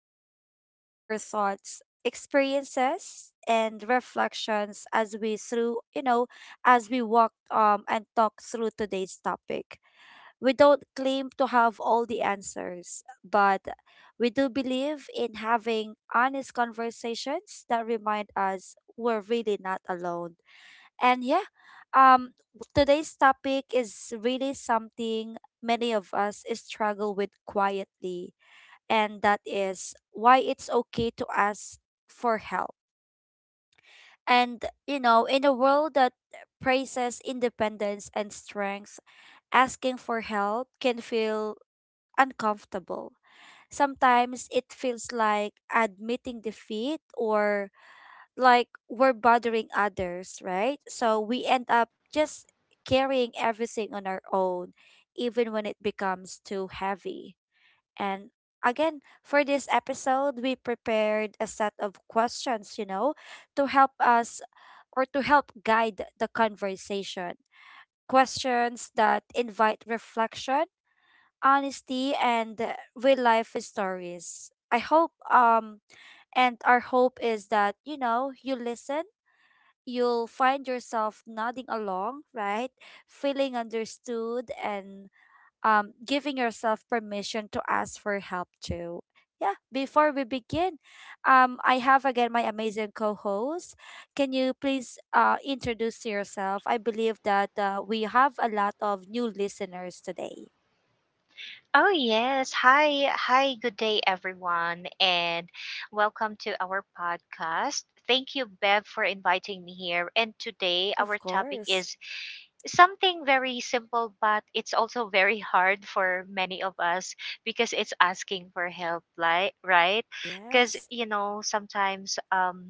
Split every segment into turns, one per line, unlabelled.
we'll be sharing our thoughts, experiences, and reflections as we walk and talk through today's topic. We don't claim to have all the answers, but we do believe in having honest conversations that remind us we're really not alone. And yeah, um, today's topic is really something many of us struggle with quietly, and that is why it's okay to ask for help. In a world that praises independence and strength, asking for help can feel uncomfortable. Sometimes it feels like admitting defeat or like we're bothering others, right? So we end up just carrying everything on our own, even when it becomes too heavy. And again, for this episode, we prepared a set of questions, to help us or to help guide the conversation. Questions that invite reflection, honesty, and real life stories. I hope and our hope is that you listen you'll find yourself nodding along, right? Feeling understood and giving yourself permission to ask for help too. Yeah, before we begin, I have again my amazing co host. Can you please introduce yourself? I believe that we have a lot of new listeners today.
Oh yes. Hi. Hi. Good day everyone and welcome to our podcast. Thank you Bev for inviting me here. And today
Of
our topic
course.
is something very simple but it's also very hard for many of us because it's asking for help, like right? Cuz
Yes.
you know, sometimes um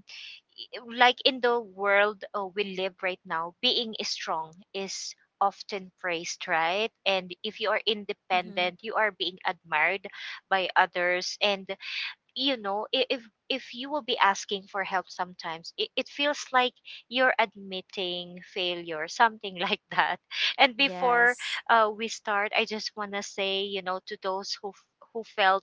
like in the world we live right now, being strong is often praised, right? And if you are
Mm-hmm.
independent, you are being admired by others. And you know, i- if if you will be asking for help sometimes, it feels like you're admitting failure, something like that. And before
Yes.
we start, I just wanna say, you know, to those who felt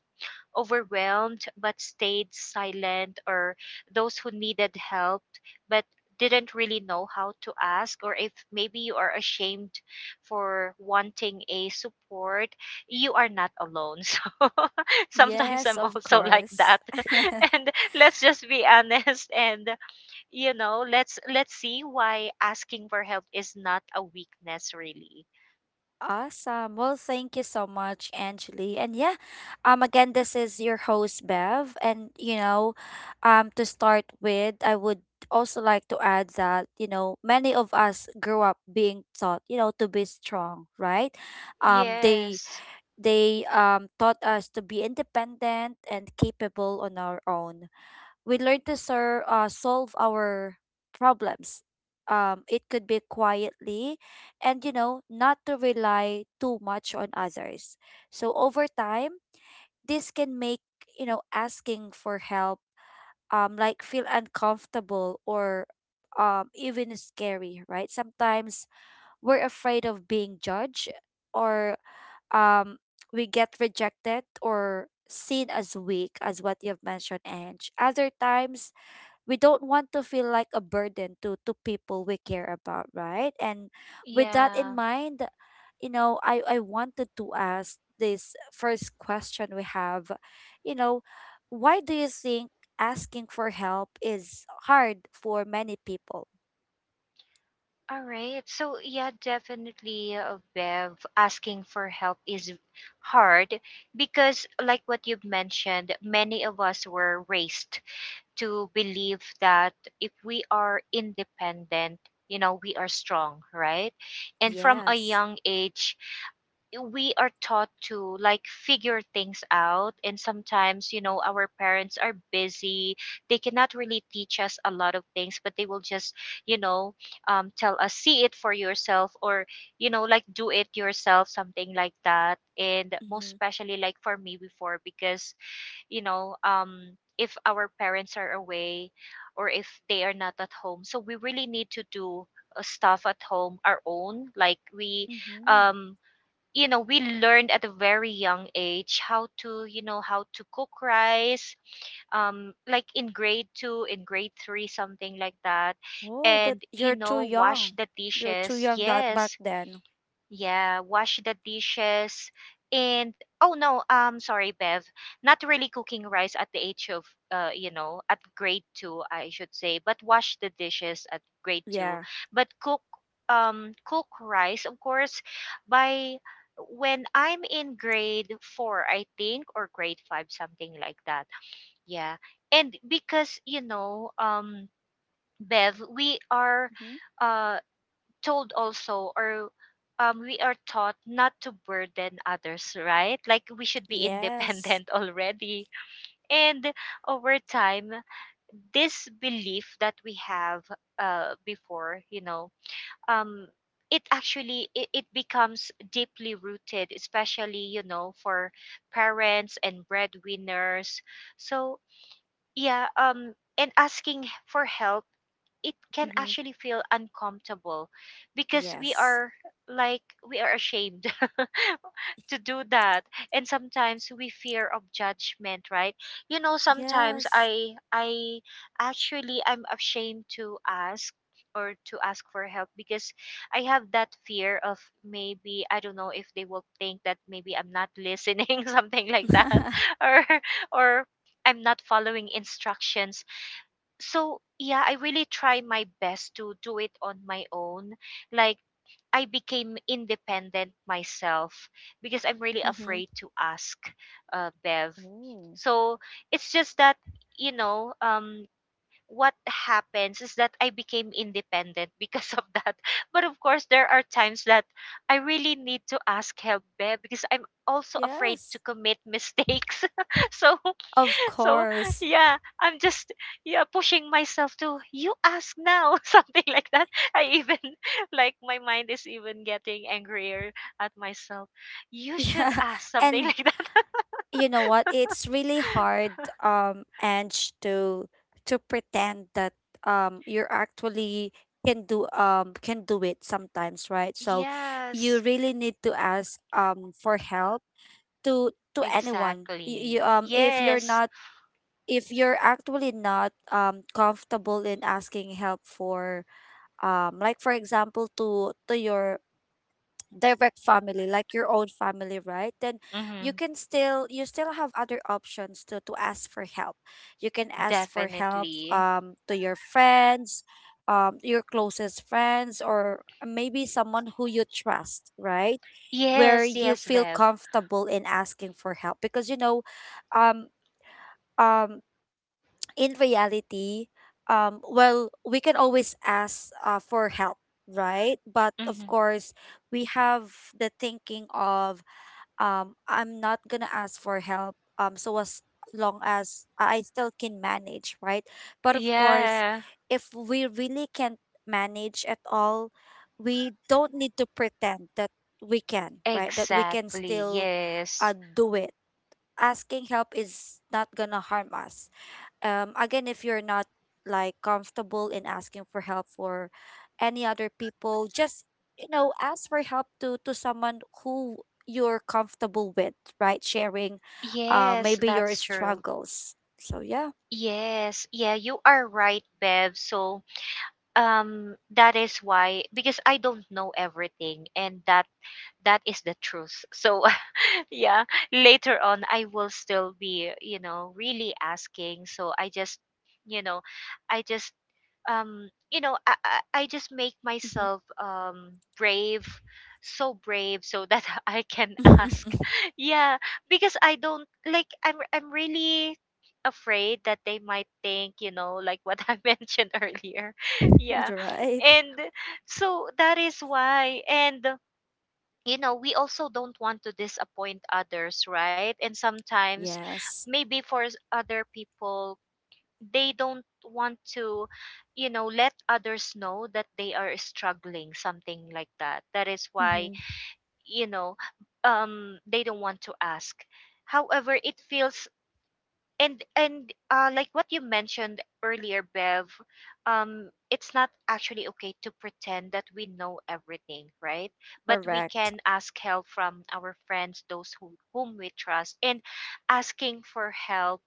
overwhelmed but stayed silent, or those who needed help but didn't really know how to ask, or if maybe you are ashamed for wanting a support, you are not alone. So sometimes
Yes,
I'm
of
also like
course.
that. And let's just be honest and let's see why asking for help is not a weakness really.
Awesome. Well, thank you so much, Angeli. And yeah, again, this is your host, Bev. To start with, I would also like to add that, you know, many of us grew up being taught, you know, to be strong, right? Um, they,
Yes.
they taught us to be independent and capable on our own. We learn to solve our problems. It could be quietly and, you know, not to rely too much on others. So over time, this can make, you know, asking for help like feel uncomfortable or even scary, right? Sometimes we're afraid of being judged or um, we get rejected or seen as weak, as what you've mentioned, and other times we don't want to feel like a burden to people we care about, right? And with that in
Yeah.
mind, I wanted to ask this first question we have, you know, why do you think asking for help is hard for many people?
All right. So yeah, definitely, Bev, asking for help is hard because, like what you've mentioned, many of us were raised to believe that if we are independent, you know, we are strong, right? And from a
Yes.
young age, we are taught to like figure things out, and sometimes you know our parents are busy, they cannot really teach us a lot of things, but they will just you know tell us see it for yourself, or you know like do it yourself, something like that. And most
Mm-hmm.
especially like for me before, because you know if our parents are away or if they are not at home, so we really need to do stuff at home our own, like we
Mm-hmm.
um you know we learned at a very young age how to, you know, how to cook rice, um, like in grade 2, in grade 3, something like that,
Oh, that
and you
you're too
know wash
young.
the
You're too
dishes,
young that back
yes.
then,
Yeah, wash the dishes. And oh no, sorry Bev, not really cooking rice at the age of you know, at grade 2 I should say, but wash the dishes at grade 2,
yeah.
but cook rice of course by when I'm in grade 4 I think, or grade 5, something like that. Yeah. And because, you know, um, Bev, we are
Mm-hmm.
uh told also, or we are taught not to burden others, right? Like we should be
Yes.
independent already. And over time, this belief that we have before, you know, um, it actually it, it becomes deeply rooted, especially you know for parents and breadwinners. So yeah, and asking for help, it can
Mm-hmm.
actually feel uncomfortable because we
Yes.
are like we are ashamed to do that, and sometimes we fear of judgment, right? You know sometimes
Yes.
i actually I'm ashamed to ask, or to ask for help, because I have that fear of maybe, I don't know, if they will think that maybe I'm not listening something like that, or or I'm not following instructions. So yeah, I really try my best to do it on my own, like I became independent myself, because I'm really
Mm-hmm.
afraid to ask, Bev.
Oh.
So it's just that, you know, what happens is that I became independent because of that. But of course, there are times that I really need to ask help, Bev, because I'm also afraid
Yes,
to commit mistakes. so
of
so
course.
yeah, I'm just yeah pushing myself to you ask now something like that. I even like my mind is even getting angrier at myself. You should
Yeah.
ask something
And
like that.
you know what? It's really hard, Ange, to pretend that you're actually can do it sometimes, right? So you
Yes,
really need to ask for help to anyone. You
exactly.
If you're
Yes,
not, if you're actually not comfortable in asking help for, like for example to your direct family, like your own family, right? Then you
mm-hmm.
can still, you still have other options to ask for help. You can ask for help
Definitely.
to your friends, your closest friends, or maybe someone who you trust, right? Where
Yes,
you
yes,
feel
Bev.
comfortable in asking for help because, um um in reality, well, we can always ask for help, right? But of
Mm-hmm.
course, we have the thinking of, I'm not gonna ask for help, so as long as I still can manage, right? But of course,
Yeah,
if we really can't manage at all, we don't need to pretend that we can, right? That we can
exactly.
still
Yes,
do it. Asking help is not gonna harm us. Again, if you're not like comfortable in asking for help for any other people, just, you know, ask for help to someone who you're comfortable with, right? Sharing,
yes,
maybe your
that's true.
struggles. So yeah.
Yes, yeah, you are right, Bev. So that is why, because I don't know everything, and that that is the truth, so yeah, later on I will still be, you know, really asking. So I just you know I just you know I just make
Hmm.
myself brave, so brave, so that I can ask yeah, because I don't like I'm really afraid that they might think, you know, like what I mentioned earlier. Yeah.
You're right.
And so that is why. And you know we also don't want to disappoint others, right? And sometimes
Yes.
maybe for other people, they don't want to, you know, let others know that they are struggling, something like that. That is why,
Mm-hmm.
you know, um, they don't want to ask, however it feels. And uh, like what you mentioned earlier, Bev, um, it's not actually okay to pretend that we know everything, right? But we
Correct.
can ask help from our friends, those who, whom we trust. And asking for help,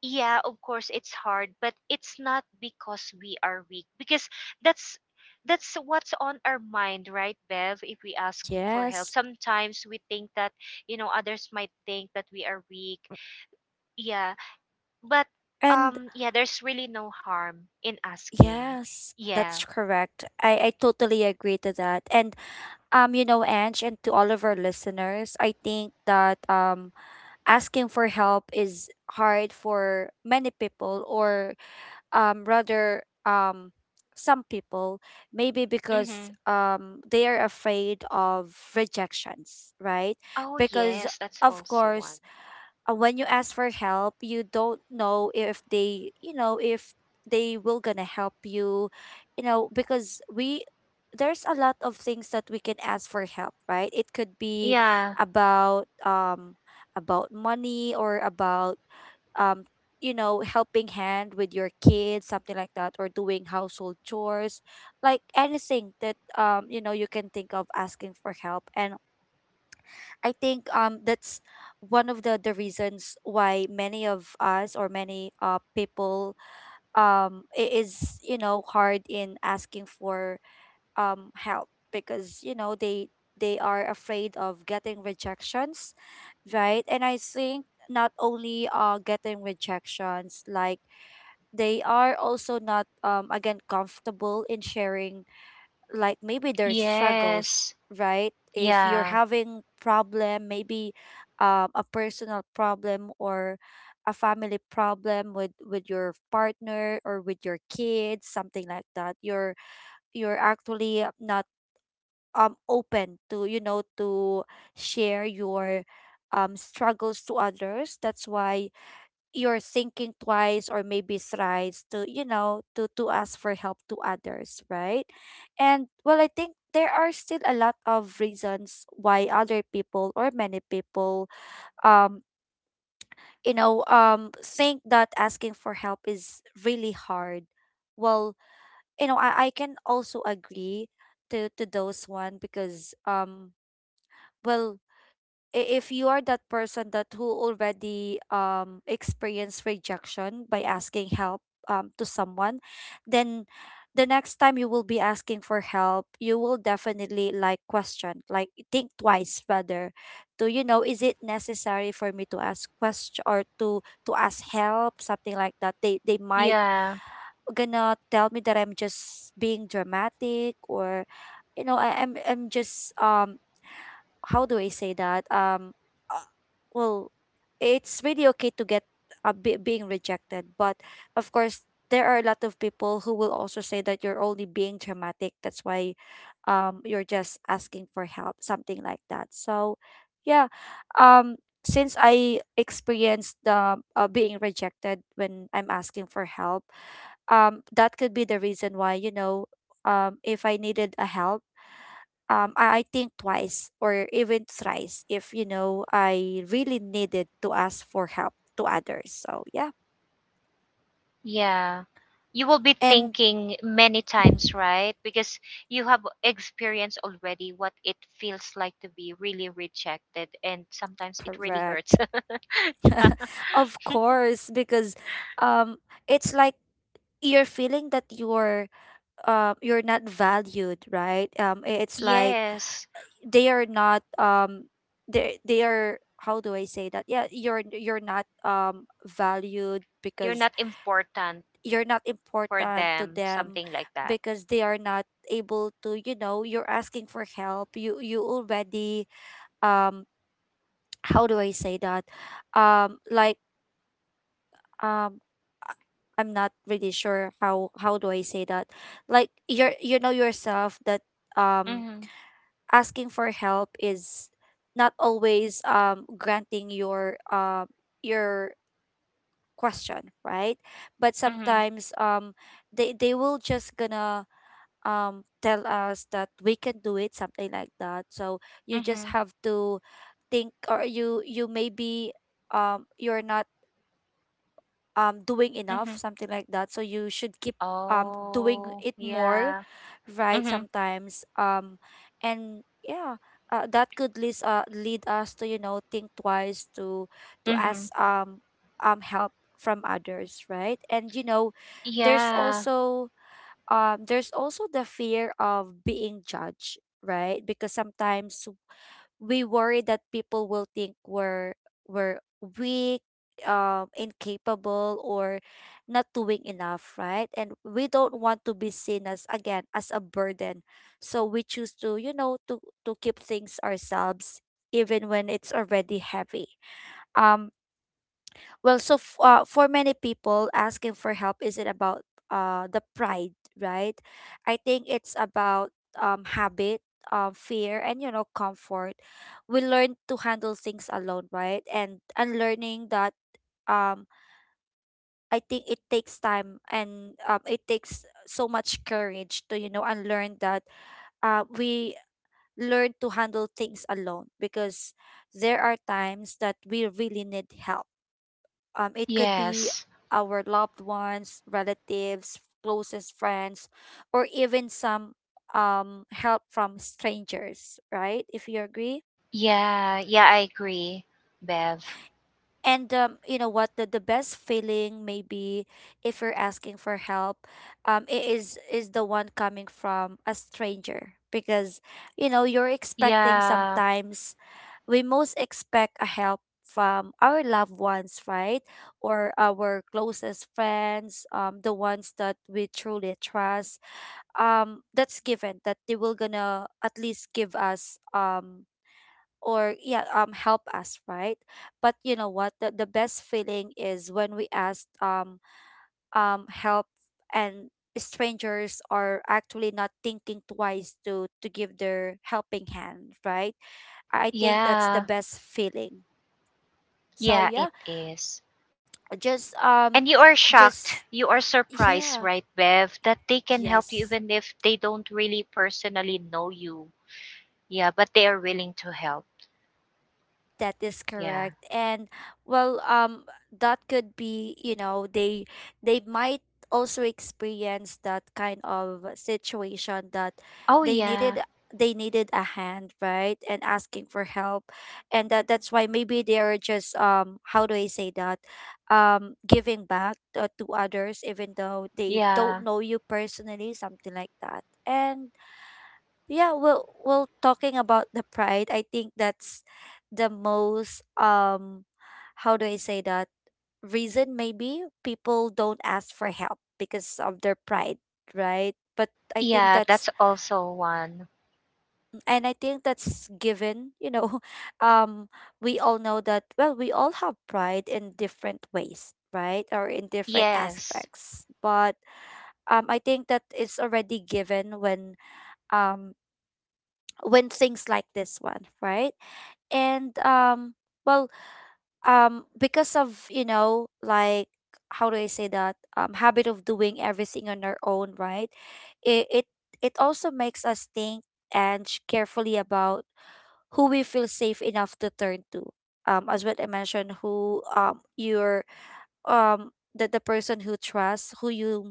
yeah, of course it's hard, but it's not because we are weak, because that's that's what's on our mind, right, Bev? If we ask for help,
Yes.
sometimes we think that, you know, others might think that we are weak. Yeah, but
And
yeah, there's really no harm in asking.
yes,
Yeah.
that's correct. I totally agree to that, and, you know, Ange, and to all of our listeners, I think that, asking for help is hard for many people, or rather, some people, maybe because
Mhm.
they are afraid of rejections, right?
Oh,
Because,
yes, that's
of
also one.
course, when you ask for help, you don't know if they, you know, if they will gonna help you, you know, because we there's a lot of things that we can ask for help, right? It could be
Yeah.
about, about money or about, um you know, helping hand with your kids, something like that, or doing household chores, like anything that, you know, you can think of asking for help. And I think, that's one of the reasons why many of us or many people is, you know, hard in asking for help because, you know, they are afraid of getting rejections, right? And I think not only getting rejections, like they are also not, um, again comfortable in sharing like maybe their
Yes.
struggles, right? If
Yeah.
you're having problem, maybe a personal problem or a family problem with your partner or with your kids, something like that, you're actually not open to, you know, to share your struggles to others. That's why you're thinking twice or maybe thrice to, you know, to ask for help to others, right? And well, I think there are still a lot of reasons why other people or many people um you know think that asking for help is really hard. Well, I can also agree to those one because, well, I- if you are that person that who already experienced rejection by asking help to someone, then the next time you will be asking for help, you will definitely like question, like think twice rather to, you know, is it necessary for me to ask question or to ask help, something like that. They might
Yeah.
gonna tell me that I'm just being dramatic or, you know, I'm just how do I say that, well, it's really okay to get a bit being rejected, but of course there are a lot of people who will also say that you're only being dramatic. That's why you're just asking for help, something like that. So yeah, um since I experienced the being rejected when I'm asking for help, that could be the reason why, you know, if I needed a help, um, I think twice or even thrice if, you know, I really needed to ask for help to others. So yeah,
Yeah. You will be
and
thinking many
Mhm.
times, right? Because you have experienced already what it feels like to be really rejected, and sometimes it really
Correct,
hurts. yeah.
of course, because, um, it's like you're feeling that you're not valued, right? It's like
Yes.
they are not, they they are, how do I say that? Yeah, you're not valued
You're
because
not important
you're not
for
important to
them,
them
something like that.
because they are not able to, you know, you're asking for help, you already um how do I say that, like, um I'm not really sure how do I say that. Like you're, you know yourself that um
Mhm.
asking for help is not always granting your question, right? But
Mhm.
sometimes they will just gonna tell us that we can do it, something like that. So you just
Mhm.
have to think or you maybe you're not doing enough,
Mhm.
something like that, so you should keep doing
Oh,
it more,
yeah.
right?
Mhm.
Sometimes and yeah, that could lead lead us to, you know, think twice to ask,
Mhm.
help from others, right? And you know, there's
Yeah.
also, there's also the fear of being judged, right? Because sometimes we worry that people will think we're weak, incapable, or not doing enough, right? And we don't want to be seen as, again, as a burden, so we choose to, you know, to keep things ourselves, even when it's already heavy. um well, so for many people, asking for help isn't about the pride, right? I think it's about, habit, fear, and, you know, comfort. We learn to handle things alone, right? And unlearning that, um, I think it takes time and, it takes so much courage to, you know, unlearn that. We learn to handle things alone because there are times that we really need help. It could be
Yes.
our loved ones, relatives, closest friends, or even some help from strangers, right? If you agree.
Yeah. Yeah, I agree, Bev.
And, you know what? The best feeling, maybe, if you're asking for help, is the one coming from a stranger because you know you're expecting
Yeah.
sometimes we most expect a help from our loved ones, right? Or our closest friends, the ones that we truly trust. That's given that they will gonna at least give us or yeah help us, right? But you know what? The best feeling is when we ask help and strangers are actually not thinking twice to give their helping hand, right? I think that's the
Yeah.
best feeling. So
Yeah,
yeah,
it is.
just um
And you are shocked,
just
you are surprised,
yeah,
right, Bev, that they can help you
yes,
even if they don't really personally know you. Yeah, but they are willing to help.
that is correct.
Yeah.
And well, that could be, they might also experience that kind of situation that
Oh,
they needed
yeah.
they needed a hand, right? And asking for help. And that's why maybe they are just how do I say that? Giving back to others even though they don't
Yeah.
know you personally, something like that. And yeah, well, well, talking about the pride, I think that's the most how do I say that, reason maybe people don't ask for help because of their pride, right? But I think
Yeah,
that's,
that's also one.
and I think that's given, you know, um we all know that, well, we all have pride in different ways, right, or in different
Yes.
aspects. But I think that it's already given when, um when things like this one, right? And well, because of, you know, like, how do I say that, habit of doing everything on our own, right? It it, it also makes us think and carefully about who we feel safe enough to turn to, as what I mentioned, who your um the person who trusts, who you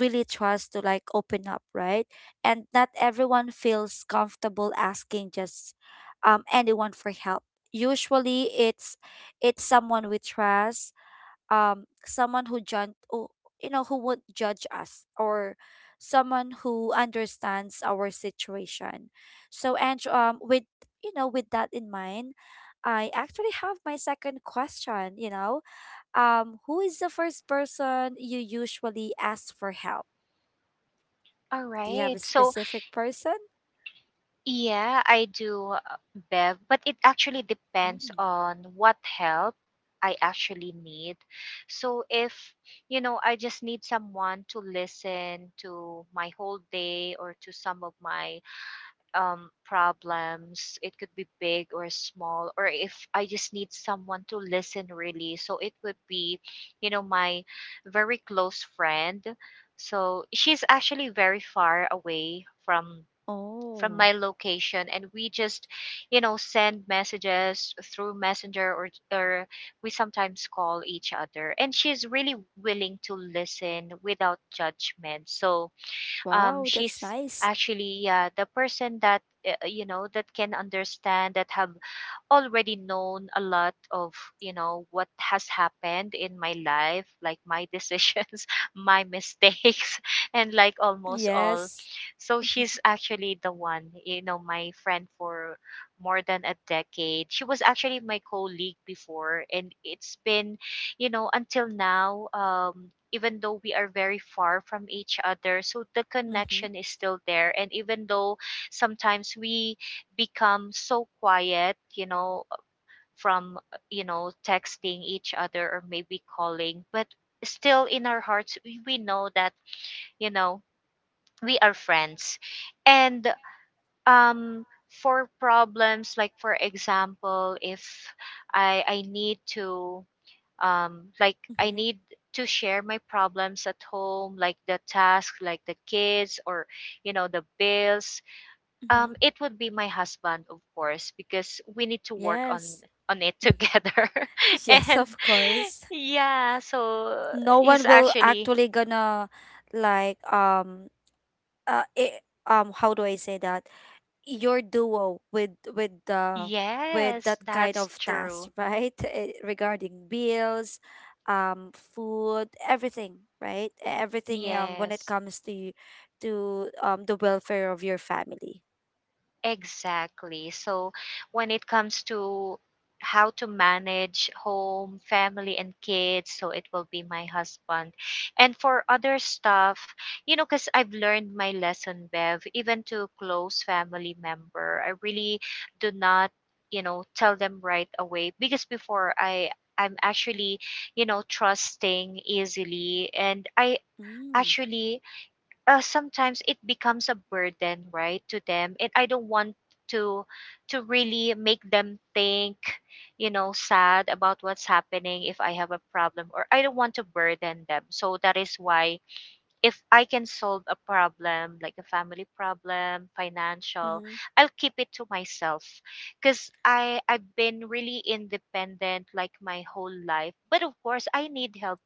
really trust, to like open up, right? And not everyone feels comfortable asking just anyone for help. Usually it's someone we trust, um someone you know, who won't judge us, or someone who understands our situation. So and with, you know, with that in mind, I actually have my second question, you know, who is the first person you usually ask for help?
All
Do you have
right.
a
So,
specific person?
yeah, I do, Bev, but it actually depends
Mm.
on what help I actually need. So if, you know, I just need someone to listen to my whole day or to some of my problems, it could be big or small, or if I just need someone to listen really. So it would be, you know, my very close friend. So she's actually very far away from
Oh,
my location, and we just you know send messages through messenger, or we sometimes call each other, and she's really willing to listen without judgment. So um,
wow, that's
she's
nice.
actually yeah the person that, you know, that can understand, that have already known a lot of, you know, what has happened in my life, like my decisions, my mistakes, and like almost all.
Yes.
So she's actually the one, you know, my friend for more than a decade. She was actually my colleague before, and it's been, you know, until now um, even though we are very far from each other, so the
Mm-hmm.
connection is still there. And even though sometimes we become so quiet, you know, from, you know, texting each other or maybe calling, but still in our hearts, we know that, you know, we are friends. And um, for problems, like for example, if I need to, like, I
Mm-hmm.
need to share my problems at home, like the task, like the kids, or you know the bills,
Mm-hmm.
it would be my husband, of course, because we need to work
Yes.
on it together.
Yes,
And
of course.
yeah, so
No
he's
one will
actually
actually gonna like uh it, how do I say that, your duo with the with
yes,
that kind
that's
of task,
true.
right? Eh, regarding bills, food, everything, right? Everything when it
Yes.
comes to the welfare of your family.
Exactly. So when it comes to how to manage home, family, and kids, so it will be my husband. And for other stuff, you know, because I've learned my lesson, Bev, even to close family member, I really do not, you know, tell them right away, because before I'm actually, you know, trusting easily, and I
Mm,
actually sometimes it becomes a burden, right, to them, and I don't want to to really make them think, you know, sad about what's happening if I have a problem, or I don't want to burden them. So that is why if I can solve a problem, like a family problem, financial,
mm-hmm,
I'll keep it to myself, because i've been really independent like my whole life, but of course I need help,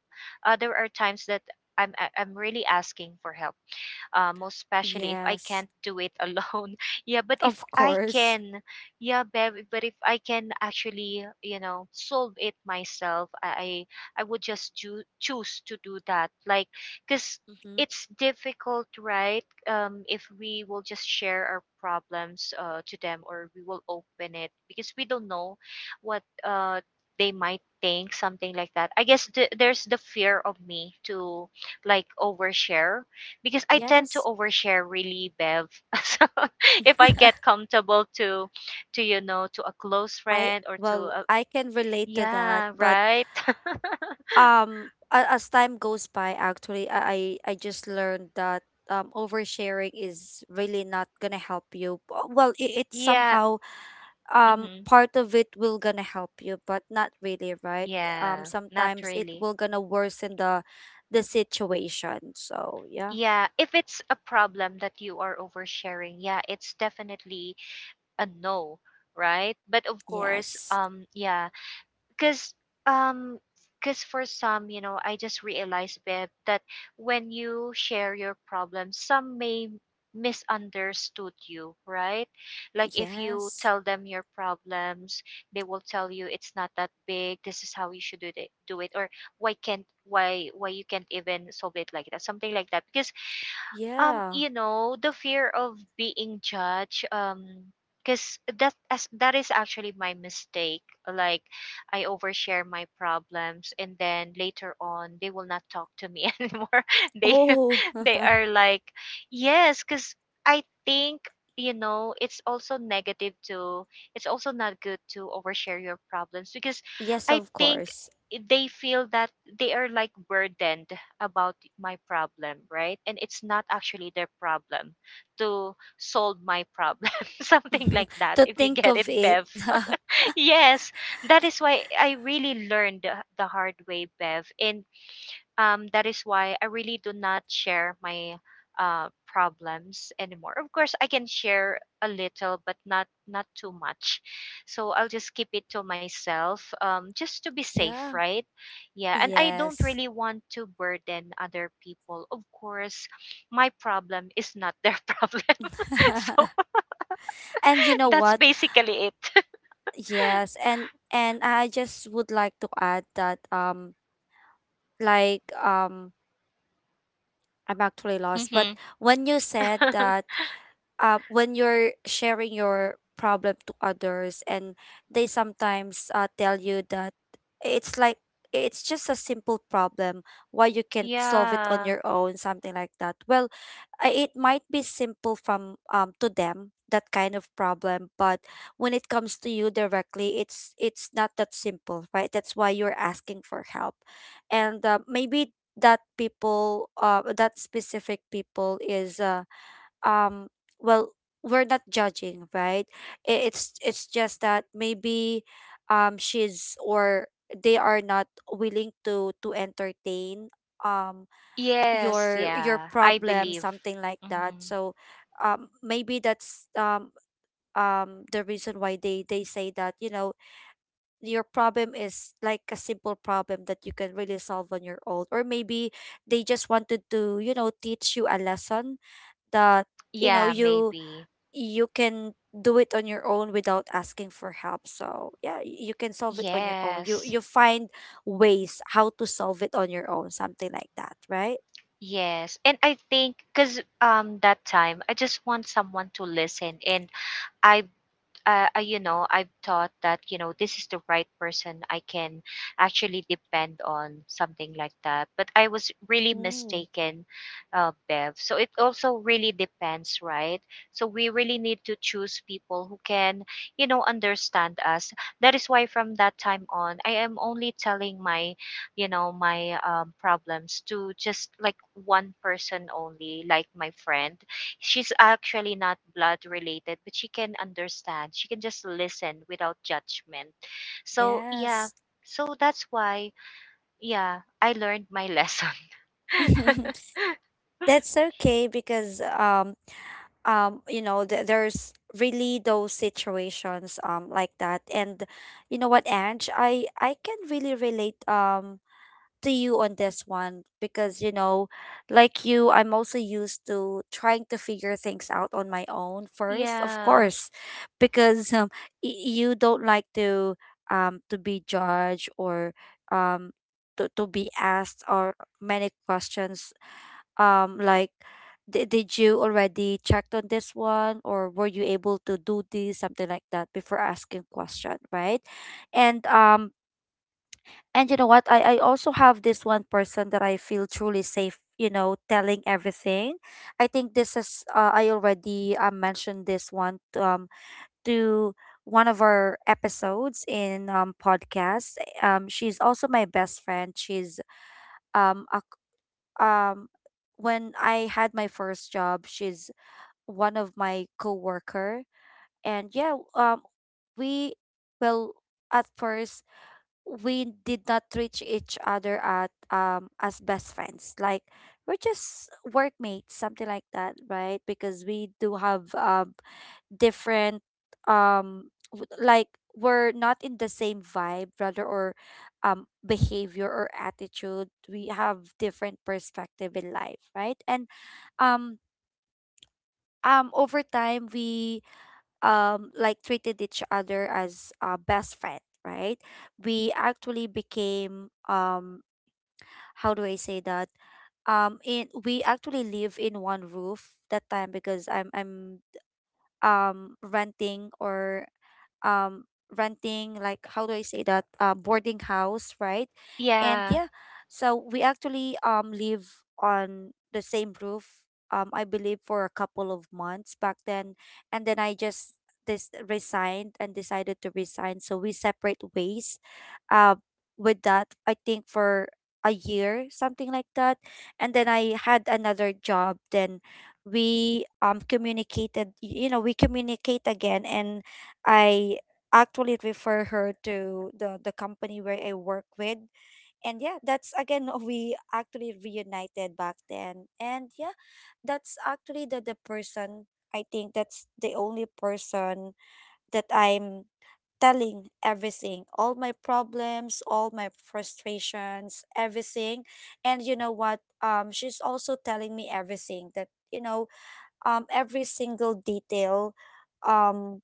there are times that I'm really asking for help, most especially if I
yes,
can't do it alone. Yeah, but if
of
I
course.
can, yeah, Bev, but if I can actually, you know, solve it myself, I would just do, choose to do that. Like, cause
Mm-hmm.
it's difficult, right? If we will just share our problems to them, or we will open it, because we don't know what they might think, something like that. I guess there's the fear of me to like overshare, because I tend to
Yes.
overshare really, Bev. So if I get comfortable to a close
I,
friend or to
well,
a
I can relate to that,
yeah,
but
right?
as time goes by, actually, I just learned that oversharing is really not gonna help you. Well, it, it's
yeah.
somehow
Hmm.
part of it will gonna help you, but not really, right?
Yeah, not
Sometimes it
really.
will gonna worsen the situation, so yeah,
Yeah, if it's a problem that you are oversharing, yeah, it's definitely a no, right? But of course,
yes,
yeah, because um because for some, I just realized Beb, that when you share your problem some may misunderstood you, right? Like if you
yes,
tell them your problems, they will tell you it's not that big, this is how you should do it, or why can't, why you can't even solve it like that, something like that. Because
yeah,
you know, the fear of being judged. Because that is actually my mistake. Like, I overshare my problems and then later on they will not talk to me anymore. they
oh,
they are like, yes, because I think, you know, it's also negative to, it's also not good to overshare your problems, because
yes,
I
of
think
course,
they feel that they are like burdened about my problem, right? And it's not actually their problem to solve my problem, something like that,
to
if you
think
get
of
it,
it.
Bev. Yes, that is why I really learned the hard way, Bev. And that is why I really do not share my problems anymore. Of course, I can share a little, but not too much. So I'll just keep it to myself, just to be safe,
Yeah,
right? Yeah, and I don't
yes.
really want to burden other people. Of course, my problem is not their problem. So
And you know
that's
what?
basically it.
Yes, and I just would like to add that like um I'm actually lost, but
Hmm.
when you said that when you're sharing your problem to others and they sometimes tell you that it's like it's just a simple problem, why you can't solve it on
Yeah.
your own, something like that. Well, it might be simple from to them, that kind of problem, but when it comes to you directly, it's not that simple, right? That's why you're asking for help. And maybe that people, that specific people is um well, we're not judging, right? It's just that maybe she's, or they are not willing to entertain um
Yes.
your
Yeah. I
problem,
believe.
something like that.
Hmm.
So maybe that's the reason why they say that, you know, your problem is like a simple problem that you can really solve on your own, or maybe they just wanted to, you know, teach you a lesson that, you know,
Yeah.
you
Maybe.
you can do it on your own without asking for help. So yeah, you can solve it on your own. You
Yes.
you find ways how to solve it on your own, something like that, right?
Yes. And I think cuz that time I just want someone to listen. And I you know, I've thought that, you know, this is the right person I can actually depend on, something like that. But I was really
Mm.
mistaken, Bev. So it also really depends, right? So we really need to choose people who can, you know, understand us. That is why from that time on, I am only telling my, you know, my problems to just like one person only, like my friend. She's actually not blood related, but she can understand. She can just listen without judgment. So, yeah.
Yes.
So that's why, yeah, I learned my lesson.
That's okay, because you know, there's really those situations like that. And you know what, Ange, I can really relate, to you on this one, because, you know, like you, I'm also used to trying to figure things out on my own first, of
Yeah.
course, because you don't like to be judged, or um to be asked, or many questions, like, did you already checked on this one, or were you able to do this, something like that, before asking question, right? And you know what? I also have this one person that I feel truly safe, you know, telling everything. I think this is, I already mentioned this one, to one of our episodes in, podcast. She's also my best friend. She's, um, a, c- um, when I had my first job, she's one of my coworker. And yeah, we, well, at first we did not treat each other at as best friends, like we're just workmates, something like that, right? Because we do have different, um like, we're not in the same vibe, rather, or behavior or attitude, we have different perspective in life, right? And um over time we like treated each other as best friend, right? We actually became how do I say that, in we actually live in one roof that time, because I'm renting, or um renting, like, how do I say that, boarding house, right? And yeah,
Yeah.
so we actually live on the same roof I believe for a couple of months back then. And then I just this resigned and decided to resign, so we separate ways, uh, with that, I think for a year, something like that. And then I had another job, then we you know, we communicate again, and I actually refer her to the company where I work with. And yeah, that's again, we actually reunited back then. And yeah, that's actually the person, I think that's the only person that I'm telling everything, all my problems, all my frustrations, everything. And you know what? She's also telling me everything that, you know, every single detail um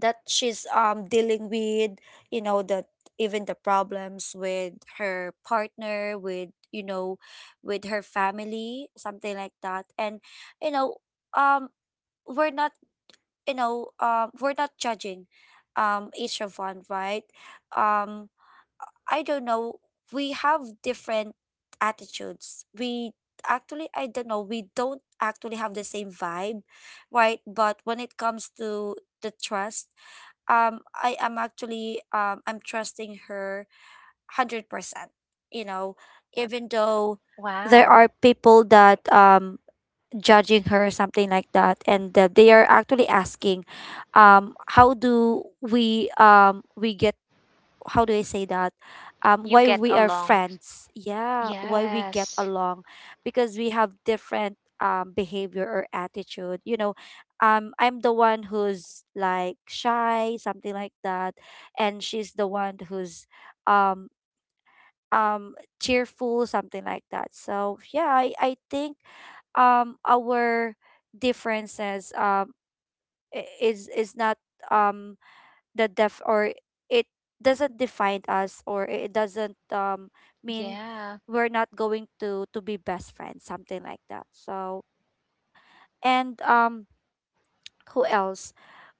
that she's dealing with, you know, that even the problems with her partner, with, you know, with her family, something like that. And you know, um we're not we're not judging each of one, right? um I don't know, we have different attitudes, we actually, I don't know, we don't actually have the same vibe, right? But when it comes to the trust, I am actually, I'm trusting her 100%. You know, even though there are
Wow.
people that judging her, or something like that, and they are actually asking how do we get, how do I say that?
You
Why
get
we are
along.
friends. Yeah, why we get
Yes.
along, because we have different behavior or attitude. You know, I'm the one who's like shy, something like that, and she's the one who's um um cheerful, something like that. So yeah, I think our differences, is not um the def or it doesn't define us, or it doesn't mean
Yeah.
we're not going to be best friends, something like that. So and who else,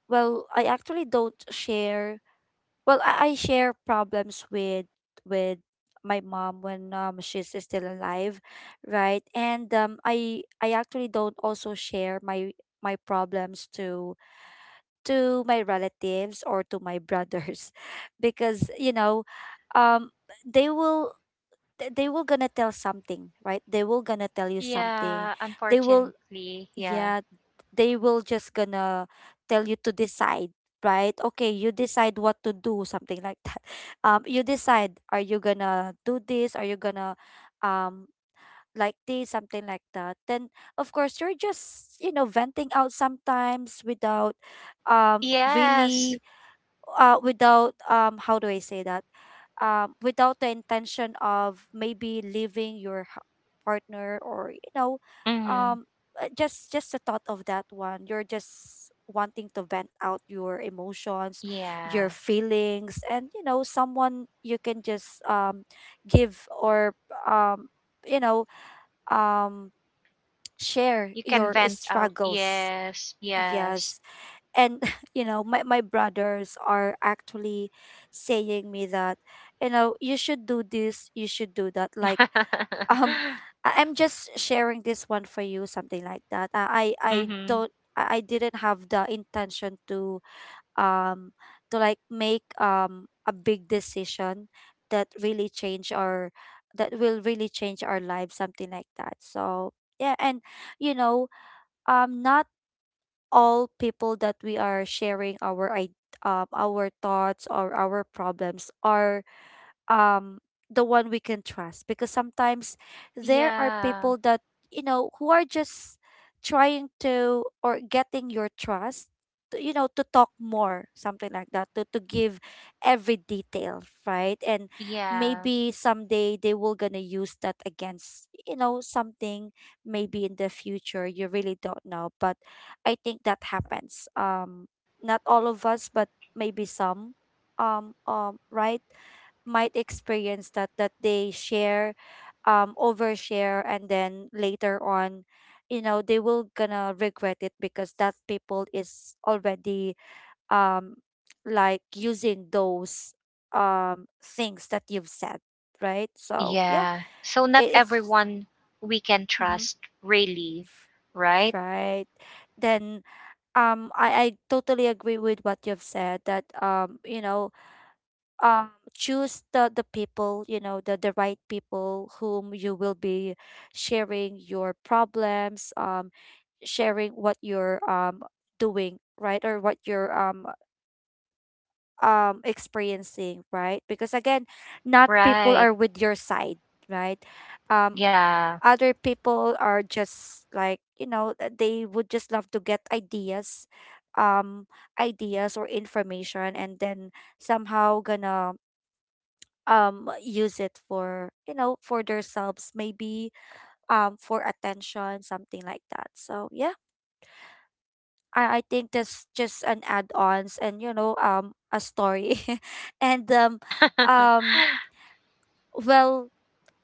well, I actually don't share, well, I share problems with with my mom when she's still alive, right? And I actually don't also share my problems to my relatives, or to my brothers, because you know, um they will they will gonna tell something, right? They will gonna tell you something,
Yeah.
they will,
Unfortunately. Yeah.
yeah, they will just gonna tell you to decide, right? Okay, you decide what to do, something like that. You decide, are you gonna do this, are you gonna um like this, something like that. Then of course you're just, you know, venting out sometimes without um
Yes.
really without how do I say that? Without the intention of maybe leaving your partner, or you know,
Mm-hmm.
um just the thought of that one. You're just wanting to vent out your emotions,
Yeah.
your feelings, and you know, someone you can just give or um you know um share
You can
your
vent out.
struggles.
Yes. Yes.
Yes. And you know, my brothers are actually saying me that, you know, you should do this, you should do that, like. um I'm just sharing this one for you, something like that. I
Mm-hmm.
don't I didn't have the intention to um to, like, make a big decision that really change our that will really change our lives, something like that. So yeah. And you know, not all people that we are sharing our our thoughts or our problems are um the one we can trust, because sometimes there are
Yeah,
people that, you know, who are just trying to or getting your trust to, you know, to talk more, something like that, to give every detail, right? And
yeah,
maybe someday they will gonna use that against, you know, something. Maybe in the future you really don't know, but I think that happens. Not all of us, but maybe some right might experience that, that they share, overshare, and then later on, you know, they will gonna regret it because that people is already, um like, using those things that you've said, right? So yeah.
yeah. So not
it, it's
everyone we can
Mhm.
trust, really. Right?
Right. Then I totally agree with what you've said that, you know, um choose the people, you know, the right people whom you will be sharing your problems, sharing what you're doing right, or what you're experiencing, right? Because, again, not people
Right.
are with your side, right? um
Yeah.
Other people are just, like, you know, they would just love to get ideas, um or information, and then somehow gonna use it for, you know, for themselves, maybe, for attention, something like that. So yeah. I think that's just an add-ons, and, you know, a story, and um well,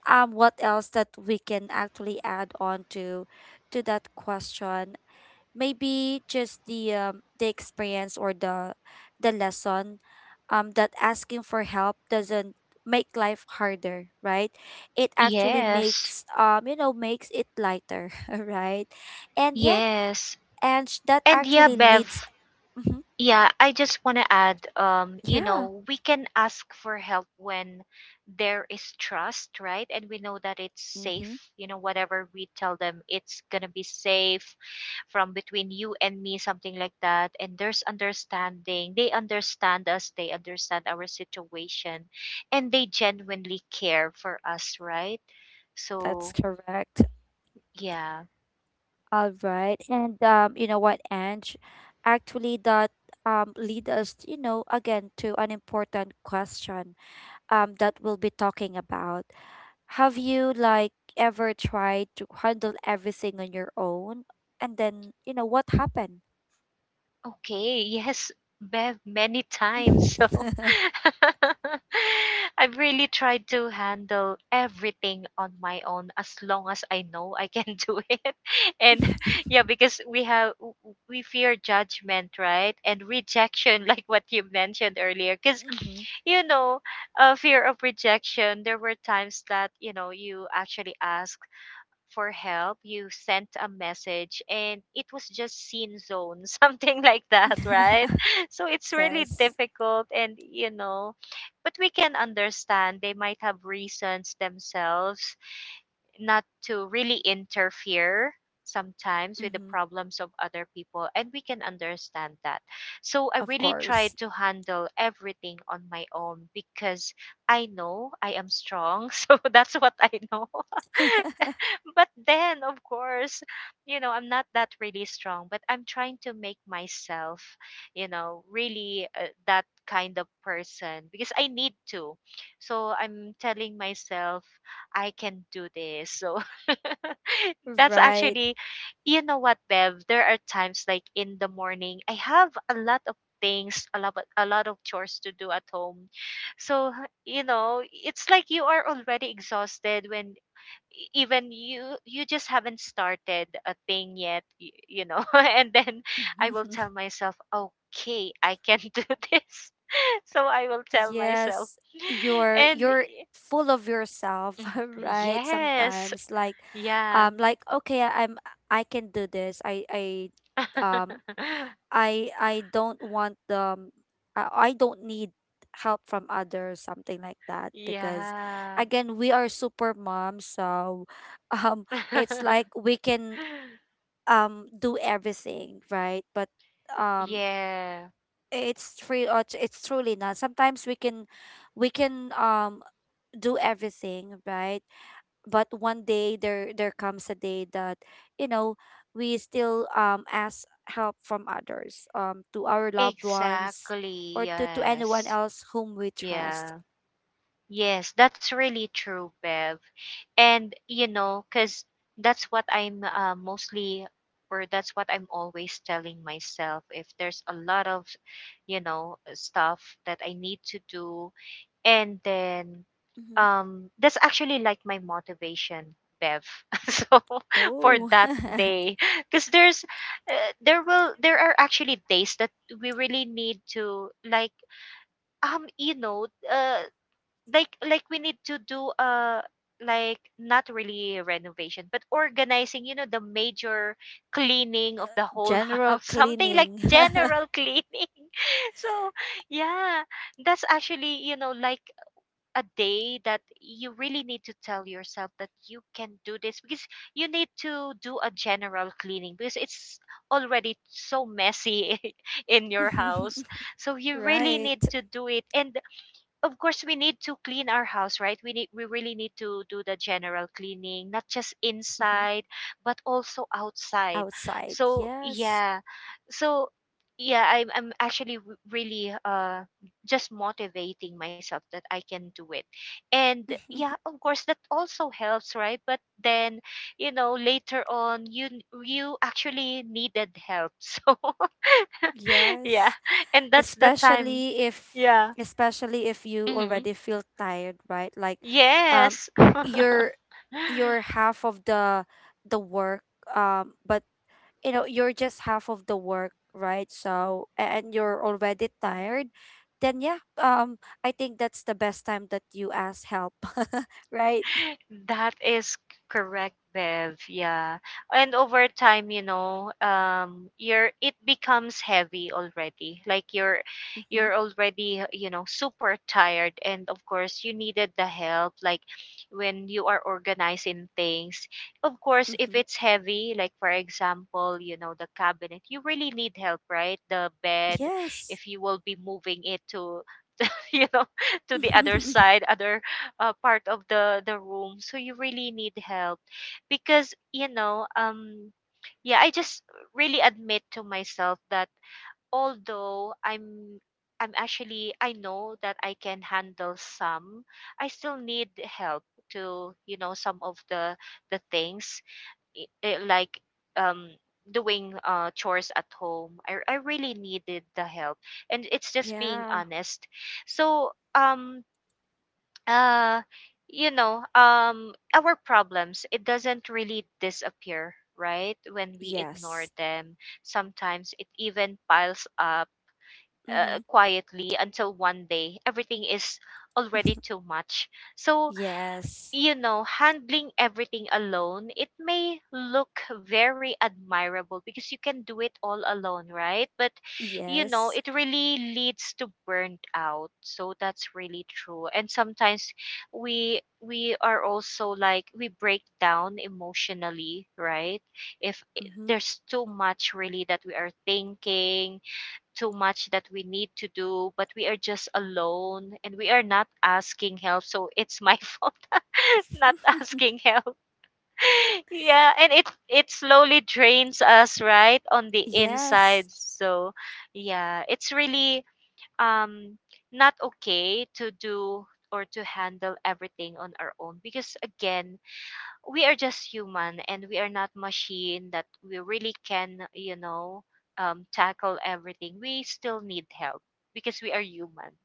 what else that we can actually add on to that question? Maybe just the experience, or the lesson, that asking for help doesn't make life harder, right? It actually
Yes.
makes you know makes it lighter, right? And yeah.
Yes.
And that
And yeah,
actually
Bev.
leads. Mhm.
Yeah, I just want to add, you
Yeah.
know, we can ask for help when there is trust, right? And we know that it's safe.
Mm-hmm.
You know, whatever we tell them, it's going to be safe from between you and me, something like that. And there's understanding. They understand us, they understand our situation, and they genuinely care for us, right?
That's
So,
correct.
yeah.
All right. And you know what, Ange, actually that lead us, you know, again, to an important question that we'll be talking about. Have you, like, ever tried to handle everything on your own, and then, you know, what happened?
Okay, yes, Bev, many times. So I've really tried to handle everything on my own as long as I know I can do it. And yeah, because we have we fear judgment, right? And rejection, like what you mentioned earlier. Because
Mhm.
you know, fear of rejection. There were times that you know you actually ask for help, you sent a message and it was just seen zone, something like that, right? So it's really
Yes.
difficult and you know, but we can understand they might have reasons themselves not to really interfere sometimes with the
Hmm.
problems of other people, and we can understand that. So I
Of
really tried
course.
to handle everything on my own because I know I am strong. So that's what I know. But then of course, you know, I'm not that really strong, but I'm trying to make myself, you know, really that kind of person because I need to. So I'm telling myself I can do this. So that's
Right.
actually, you know what Bev, there are times like in the morning I have a lot of things, a lot of chores to do at home. So you know, it's like you are already exhausted when even you just haven't started a thing yet, you know. And then I will tell myself okay, I can do this. So I will tell myself.
Yes. You're
And
you're full of yourself,
mm,
right?
yes.
Sometimes like,
Yeah.
like, okay, I can do this. Um I don't want, I don't need help from others, something like that. Because,
Yeah.
again, we are super moms, so. um it's like we can do everything, right? But um
Yeah.
it's true it's truly not. Sometimes we can, we can um do everything, right? But one day there comes a day that, you know, we still ask help from others, to our loved ones,
Exactly,
or to anyone
yes.
else whom we trust.
Yeah. Yes, that's really true, Bev. And you know, because that's what I'm mostly, or that's what I'm always telling myself. If there's a lot of, you know, stuff that I need to do, and then,
Hmm.
that's actually like my motivation, Bev. So for
Oh.
that day, because there's, there will, there are actually days that we really need to like. You know, like we need to do like not really renovation but organizing, you know, the major cleaning of the whole
General
house, something like
cleaning.
general cleaning. So yeah, that's actually, you know, like a day that you really need to tell yourself that you can do this, because you need to do a general cleaning because it's already so messy in your house. So you really
Right.
need to do it. And of course we need to clean our house, right? We need, we really need to do the general cleaning, not just
Mhm.
inside but also outside.
Outside,
So
yes.
yeah. So yeah, I'm actually really just motivating myself that I can do it. And yeah, of course that also helps, right? But then you know later on, you actually needed help. So yeah.
Yes.
And that's the time.
Especially if,
Yeah.
you
Mhm.
already feel tired, right? Like, um
Yes.
you're you're half of the work, but, you know, you're just half of the work, right? So and you're already tired, then yeah. I think that's the best time that you ask help. Right.
That is correct, Bev. Yeah. And over time, you know, you're it becomes heavy already. Like
Mm-hmm,
you're already, you know, super tired and of course you needed the help. Like when you are organizing things. Of course, if
mm-hmm.
it's heavy, like for example, you know, the cabinet, you really need help, right? The bed,
Yes.
if you will be moving it to you know to the other side, other part of the room, so you really need help because you know yeah, I just really admit to myself that although I'm actually, I know that I can handle some, I still need help to, you know, some of the things like um doing chores at home, I really needed the help, and it's just being
Yeah.
honest. So uh you know, our problems, it doesn't really disappear, right, when we ignore
Yes.
them. Sometimes it even piles up
Mm-hmm.
quietly until one day everything is already too much. So
Yes.
you know, handling everything alone, it may look very admirable because you can do it all alone, right? But, you know,
Yes.
it really leads to burnt out. So that's really true. And sometimes we are also like, we break down emotionally, right? If
Mm-hmm.
there's too much really that we are thinking, too much that we need to do, but we are just alone and we are not asking help. So it's my fault not asking help. Yeah, and it slowly drains us right on the
Yes,
inside. So yeah, it's really um not okay to do or to handle everything on our own, because again we are just human and we are not machine that we really can, you know, tackle everything, we still need help because we are human.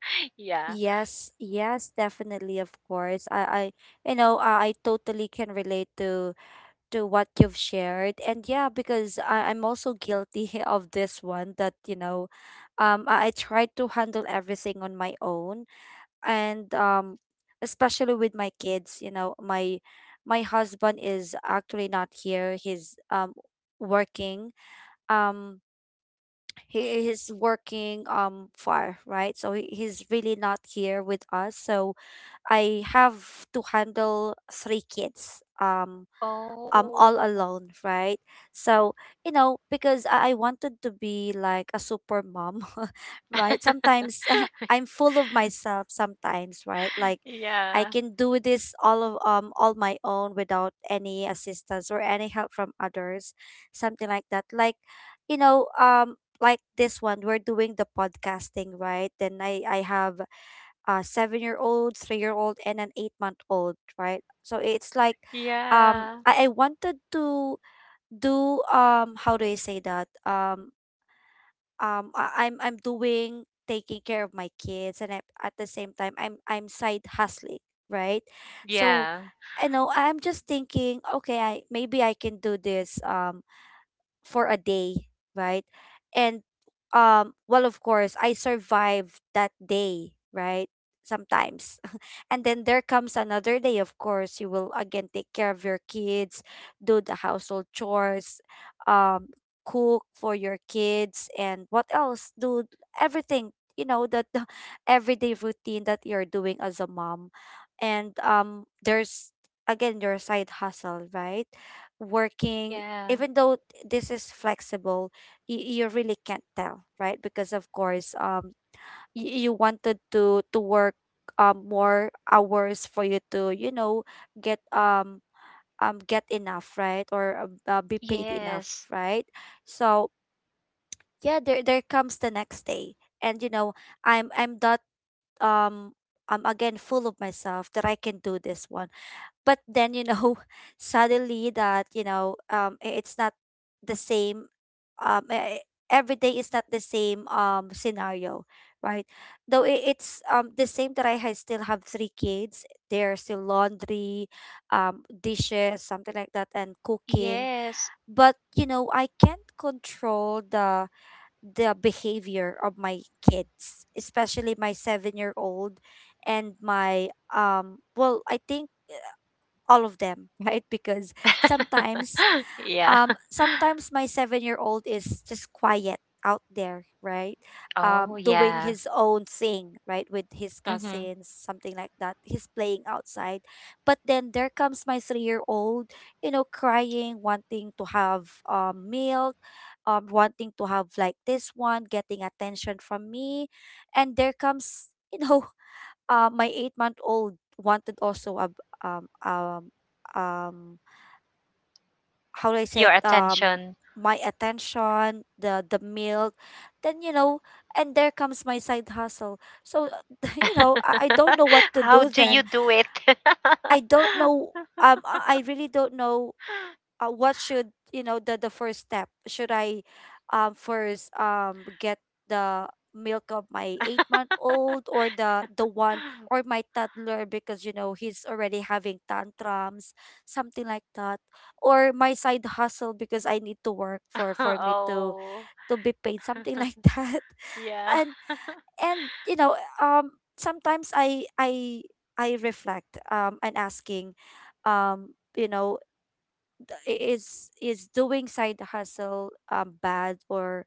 Yeah.
yes, yes, definitely, of course. You know, I totally can relate to what you've shared, and yeah, because I'm also guilty of this one. That, you know, I tried to handle everything on my own, and especially with my kids. You know, my husband is actually not here. He's working. Um, he is working far, right? So he's really not here with us. So I have to handle three kids. All
Oh.
alone, right? So, you know, because I wanted to be like a super mom, right? Sometimes I'm full of myself sometimes, right? Like, I
Yeah.
can do this, all of all my own without any assistance or any help from others, something like that. Like, you know, like this one, we're doing the podcasting, right? Then I have a 7-year-old, 3-year-old, and an 8-month-old, right? So it's like,
Yeah.
I wanted to do, how do I say that? I'm doing taking care of my kids, and at the same time, I'm side hustling, right? So
Yeah.
I know I'm just thinking, okay, I maybe I can do this, for a day, right? And well, of course I survived that day, right? Sometimes. And then there comes another day. Of course, you will again take care of your kids, do the household chores, um cook for your kids, and what else? Do everything, you know, that the everyday routine that you're doing as a mom. And there's again your side hustle, right? Working,
Yeah.
even though this is flexible, you really can't tell, right? Because of course, you wanted to work more hours for you to, you know, get um get enough, right? Or, be paid enough,
Yes.
right? So yeah, there comes the next day, and, you know, I'm that, um I'm again full of myself, that I can do this one. But then, you know, suddenly that, you know, it's not the same. um e- e- every day is not the same scenario, right? Though it's the same, that still have three kids. There's still laundry, dishes, something like that, and cooking.
Yes.
But you know, I can't control the behavior of my kids, especially my 7-year-old, and my, well, I think all of them, right? Because sometimes,
Yeah.
sometimes my seven-year-old is just quiet out there, right?
Oh
Doing
yeah.
his own thing, right, with his
Mm-hmm.
cousins, something like that. He's playing outside, but then there comes my three-year-old, you know, crying, wanting to have milk, wanting to have, like, this one, getting attention from me, and there comes, you know, my 8-month-old wanted also a, um um um how do I say
Your
it?
attention.
My attention, the milk. Then, you know, and there comes my side hustle. So you know, I don't know what to
How
do,
do
then.
you do it?
I don't know. I really don't know, what should, you know, the first step, should I first get the milk of my 8-month-old, or the one, or my toddler, because you know, he's already having tantrums, something like that, or my side hustle, because I need to work, for me
Oh.
to be paid, something like that.
Yeah.
and and you know, sometimes I reflect, and asking, you know, is doing side hustle bad, or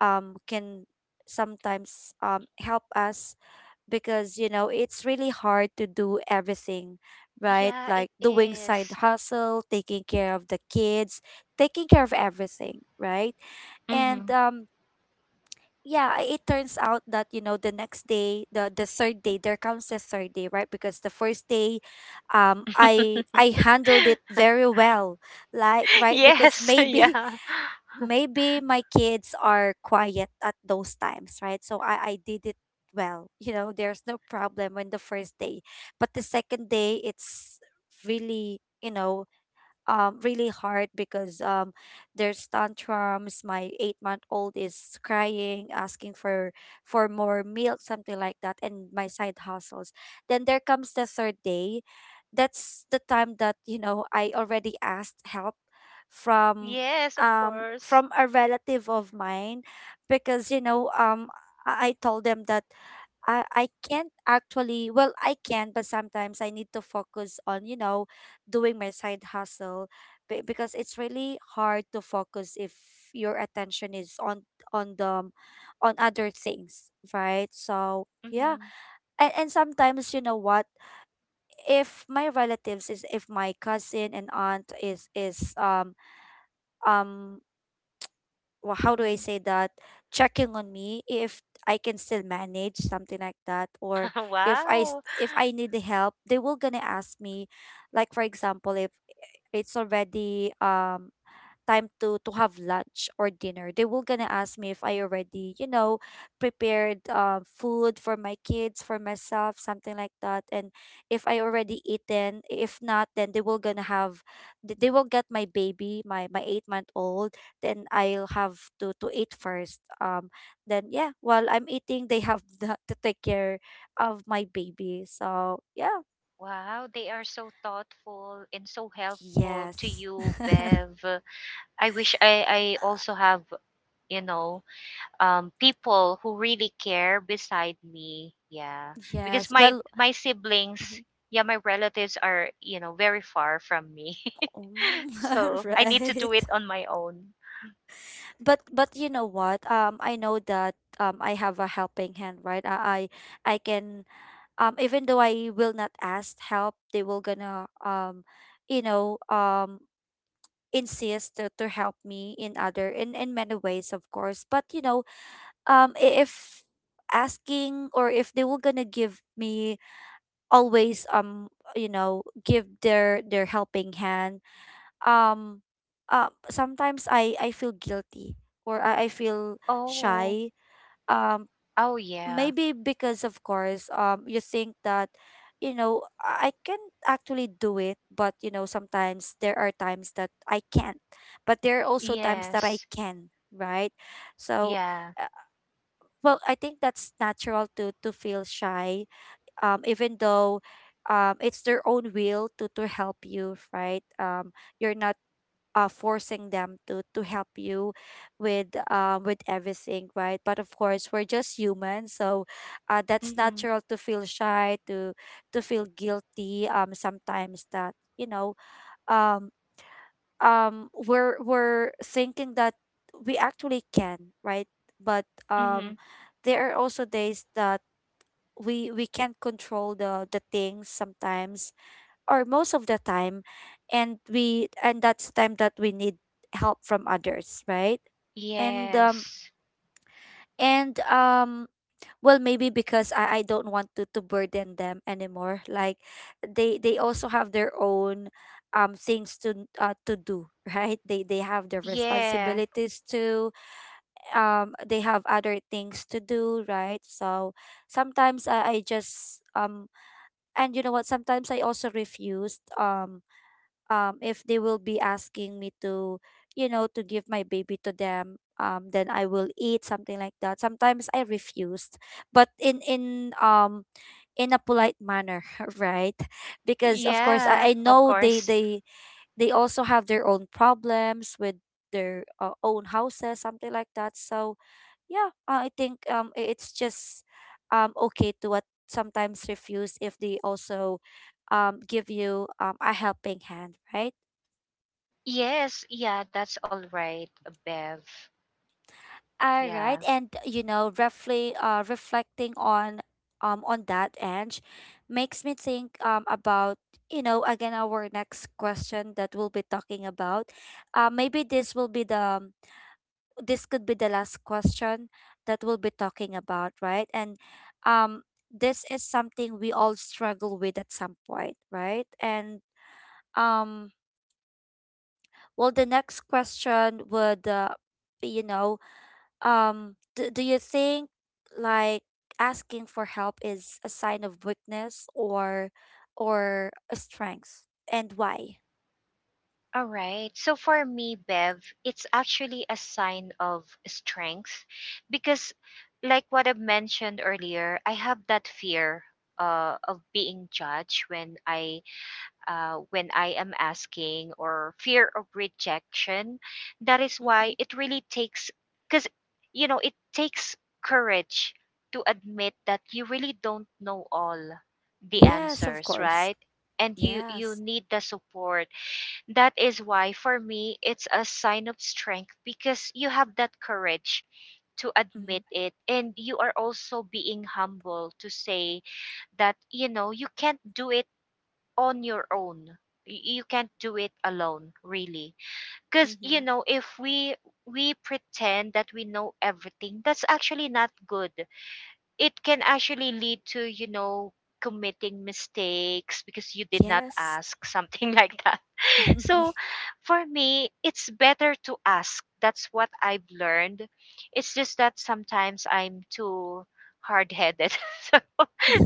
can sometimes help us? Because you know, it's really hard to do everything, right?
Yeah, it
Like doing side
is.
hustle, taking care of the kids, taking care of everything, right? And
Mhm.
yeah, it turns out that, you know, the next day, the third day, there comes the third day, right? Because the first day, i i handled it very well. Like, right? Because
Yes,
maybe,
yeah.
maybe my kids are quiet at those times, right? So I did it well. You know, there's no problem when the first day. But the second day, it's really, you know, really hard because there's tantrums, my 8-month-old is crying, asking for more milk, something like that, and my side hustles. Then there comes the third day. That's the time that, you know, I already asked help from,
Yes, of course.
from a relative of mine. Because, you know, I told them that, I can't, actually, well, I can, but sometimes I need to focus on, you know, doing my side hustle. Because it's really hard to focus if your attention is on the, on other things, right? So, yeah.
Mhm.
And sometimes, you know what? If my relatives is, if my cousin and aunt is, um well, how do I
Mhm.
say that, checking on me, if I can still manage, something like that, or if
Wow.
if I need the help, they will gonna ask me. Like for example, if it's already time to have lunch or dinner, they will gonna ask me if I already prepared food for my kids, for myself, something like that. And if I already eaten, if not then they will gonna have they will get my baby, my 8 month old, then I'll have to eat first. Then yeah, while I'm eating they have to take care of my baby, so yeah.
Wow, they are so thoughtful and so helpful to
Yes.
you, Bev. I wish I also have, you know, people who really care beside me. Yeah, because
Yes,
my
well,
my
mm-hmm.
siblings, yeah, my relatives are, you know, very far from me,
Oh,
so I need to do
right.
it on my own.
But you know what? I know that I have a helping hand, right? I I can even though I will not ask help, they will gonna, you know um insist to help me in other, in many ways, of course. But you know, if asking, or if they were gonna give me always, give their helping hand. um Sometimes I feel guilty, or I feel
Oh,
shy. Um,
oh yeah,
Maybe because, of course, you think that, you know, I can actually do it, but you know, sometimes there are times that I can't, but there are also times that I
yes,
can, right? So.
yeah,
uh, Well, I think that's natural to feel shy, even though, it's their own will to help you, right? You're not, forcing them to help you with, with everything, right? But of course we're just human, so, that's
mhm,
natural to feel shy to feel guilty, sometimes, that you know, um we're thinking that we actually can, right? But
mhm,
there are also days that we can't control the things sometimes, or most of the time, and we and that's time that we need help from others, right? and
yes,
um and Well, maybe because I don't want to burden them anymore, like they also have their own, things to, to do right, they have their
yeah,
responsibilities too. They have other things to do, right? So sometimes I just, and you know what, sometimes I also refused, if they will be asking me to, you know, to give my baby to them, then I will eat, something like that. Sometimes I refused, but in a polite manner, right? Because of course,
yeah,
I
of
know they
course,
they they also have their own problems with their, own houses, something like that. So yeah, I think, it's just, okay to what, sometimes refuse if they also, give you, a helping hand, right?
yes, yeah, that's all right, Bev.
All right,
Yeah.
and you know, roughly reflecting on, on that edge makes me think, about, you know, again, our next question that we'll be talking about. Maybe this will be the, this could be the last question that we'll be talking about, right? And um this is something we all struggle with at some point, right? And, um well, the next question would, be, you know, do you think, like, asking for help is a sign of weakness, or a strength, and why?
All right. So for me, Bev, it's actually a sign of strength because, like what I mentioned earlier, I have that fear of being judged when I am asking, or fear of rejection. That is
Mm-hmm.
why it really takes, because you know it takes courage to admit that you really don't know all the
Yes, of
answers,
course.
right? And you
Yes.
need the support, that is why, for me, it's a sign of strength, because you have that courage to
Mm-hmm.
admit it. And you are also being humble to say that, you know, you can't do it on your own. You can't do it alone, really. Because, you
Mm-hmm.
know, if we pretend that we know everything, that's actually not good. It can actually lead to, you know, committing mistakes because you did not
Yes.
ask, something like that. So for me, it's better to ask. That's what I've learned. It's just that sometimes I'm too hard headed. So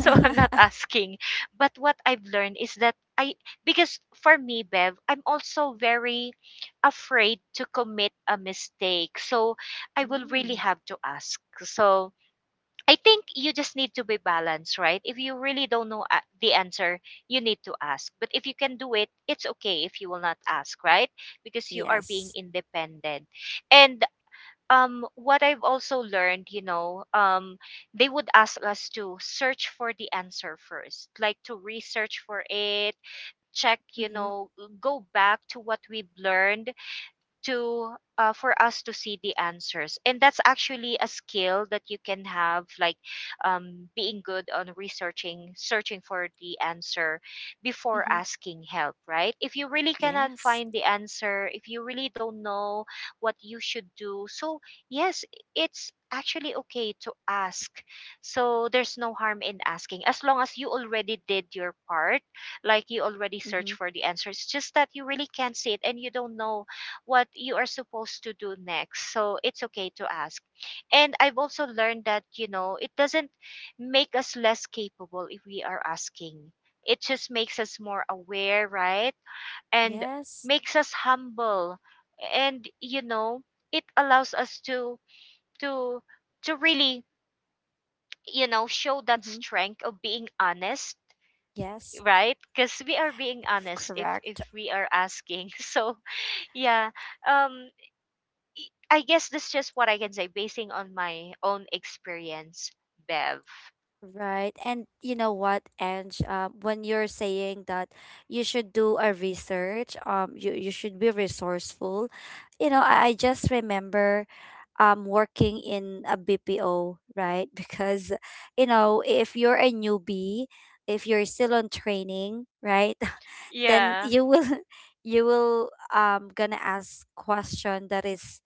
so I'm not asking. But what I've learned is that I, because for me, Bev, I'm also very afraid to commit a mistake. So I will really
Mm.
have to ask. So I think you just need to be balanced, right? If you really don't know the answer, you need to ask. But if you can do it, it's okay if you will not ask, right? Because you are being
Yes.
independent. And what I've also learned, you know, they would ask us to search for the answer first, like to research for it, check, you
Mm-hmm.
know, go back to what we've learned to for us to see the answers. And that's actually a skill that you can have, like, being good on researching, searching for the answer before
Mm-hmm.
asking help, right? If you really cannot
Yes.
find the answer, if you really don't know what you should do. So yes, it's actually okay to ask. So there's no harm in asking as long as you already did your part, like you already searched
Mm-hmm.
for the answer, it's just that you really can't see it and you don't know what you are supposed to do next. So it's okay to ask. And I've also learned that, you know, it doesn't make us less capable if we are asking. It just makes us more aware, right? And
Yes.
makes us humble. And, you know, it allows us to to really, you know, show that
Mm-hmm.
strength of being honest,
Yes.
right? Because we are being honest if
Correct.
we are asking. So yeah. Um I guess that's just what I can say basing on my own experience, Bev.
Right. And you know what, Ange? When you're saying that you should do a research, you should be resourceful, you know, I just remember working in a BPO, right? Because you know, if you're a newbie, if you're still on training, right? Then
Yeah.
you will you will gonna ask question that is,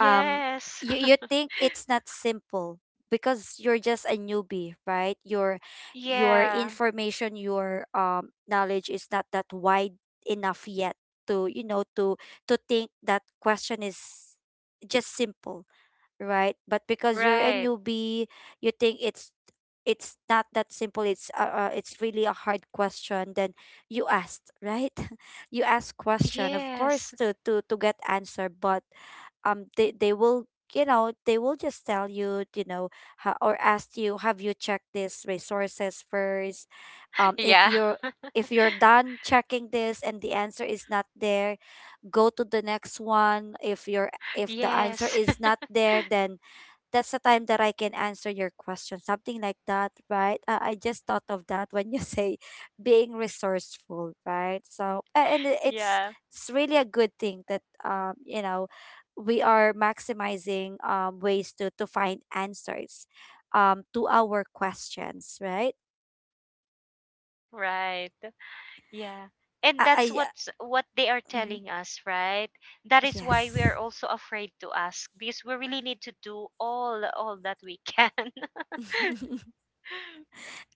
um you think it's not simple, because you're just a newbie, right? Your
Yeah.
information, your knowledge is not that wide enough yet to, you know, to think that question is just simple, right? But because you're a
Right.
newbie, you think it's not that simple. It's, it's really a hard question. Then you asked, right? You ask question, of course,
Yes.
to get answer. But, they will, you know, they will just tell you, you know, ha- or ask you, have you checked these resources first, if
Yeah.
you're, if you're done checking this and the answer is not there, go to the next one. If your if the answer
Yes.
is not there, then that's the time that I can answer your question, something like that, right? I just thought of that when you say being resourceful, right? So,
Yeah.
it's really a good thing that, you know, we are maximizing ways to find answers, to our questions, right?
Right. Yeah. And that's
I
what's what they are
mhm.
telling us, right? That is why we
Yes.
are also afraid to ask, because we really need to do all that we can.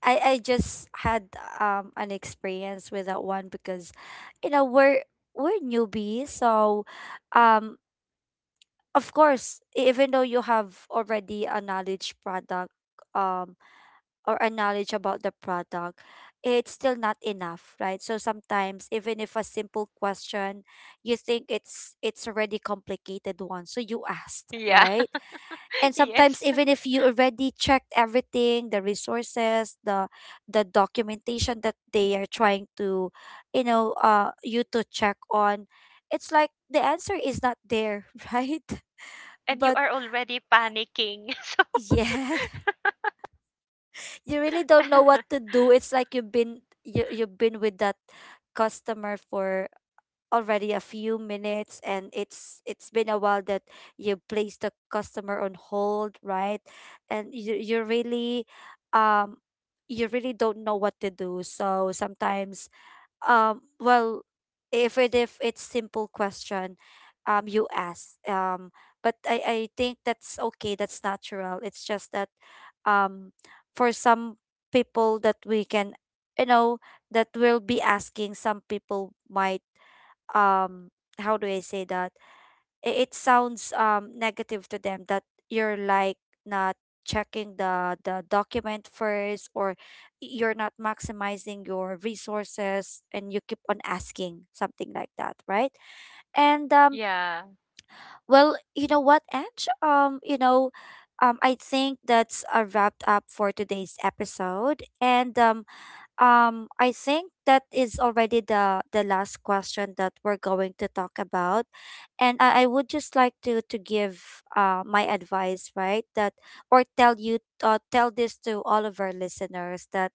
I just had, an experience with that one because, you know, we're newbies, so, um of course, even though you have already a knowledge product, um or a knowledge about the product, it's still not enough, right? So sometimes, even if a simple question, you think it's already complicated one, so you asked,
Yeah.
right? And sometimes,
Yes.
even if you already checked everything, the resources, the documentation that they are trying to, you know, you to check on, it's like the answer is not there, right?
And you
But
are already panicking. So
yeah, you really don't know what to do. It's like you've been, you've been with that customer for already a few minutes, and it's been a while that you place the customer on hold, right? And you really, um you really don't know what to do. So sometimes, well, if it if it's simple question, you ask. But I think that's okay, that's natural. It's just that, um for some people that we can, you know, that will be asking, some people might, um how do I say that? It sounds negative to them that you're like not checking the document first, or you're not maximizing your resources, and you keep on asking, something like that, right? And
yeah.
well, you know what, Ange? You know, I think that's a wrap up for today's episode. And I think that is already the last question that we're going to talk about. And I would just like to give, my advice, right? That, or tell you, tell this to all of our listeners, that,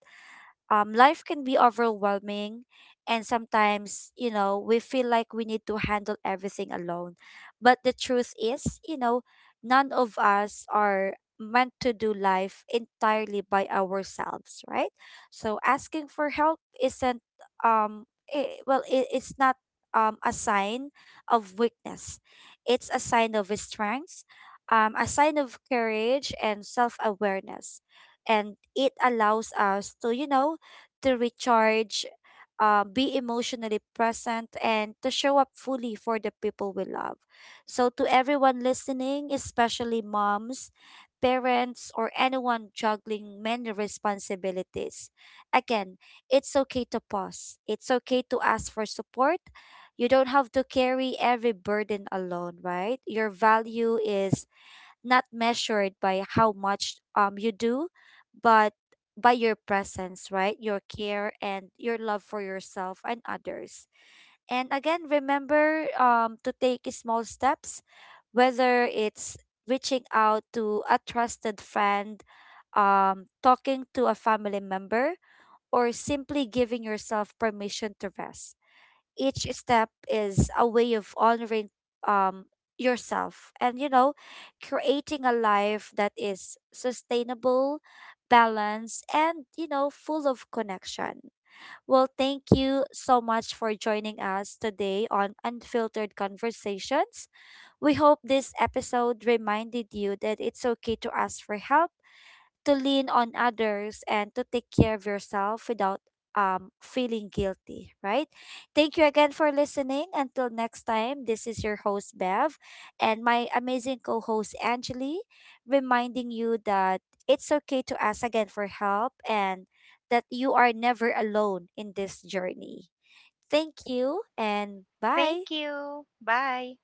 life can be overwhelming, and sometimes, you know, we feel like we need to handle everything alone. But the truth is, you know, none of us are meant to do life entirely by ourselves, right? So asking for help isn't, um I well it's not, a sign of weakness, it's a sign of strength, a sign of courage and self-awareness. And it allows us to, you know, to recharge, be emotionally present, and to show up fully for the people we love. So, to everyone listening, especially moms, parents, or anyone juggling many responsibilities, again, it's okay to pause. It's okay to ask for support. You don't have to carry every burden alone, right? Your value is not measured by how much you do, but by your presence, right? Your care and your love for yourself and others. And again, remember to take small steps, whether it's reaching out to a trusted friend, talking to a family member, or simply giving yourself permission to rest. Each step is a way of honoring, um yourself, and, you know, creating a life that is sustainable, balanced, and, you know, full of connection. Well, thank you so much for joining us today on Unfiltered Conversations. We hope this episode reminded you that it's okay to ask for help, to lean on others, and to take care of yourself without feeling guilty, right? Thank you again for listening. Until next time, this is your host Bev, and my amazing co-host Angeli, reminding you that it's okay to ask again for help, and that you are never alone in this journey. Thank you and bye.
Thank you. Bye.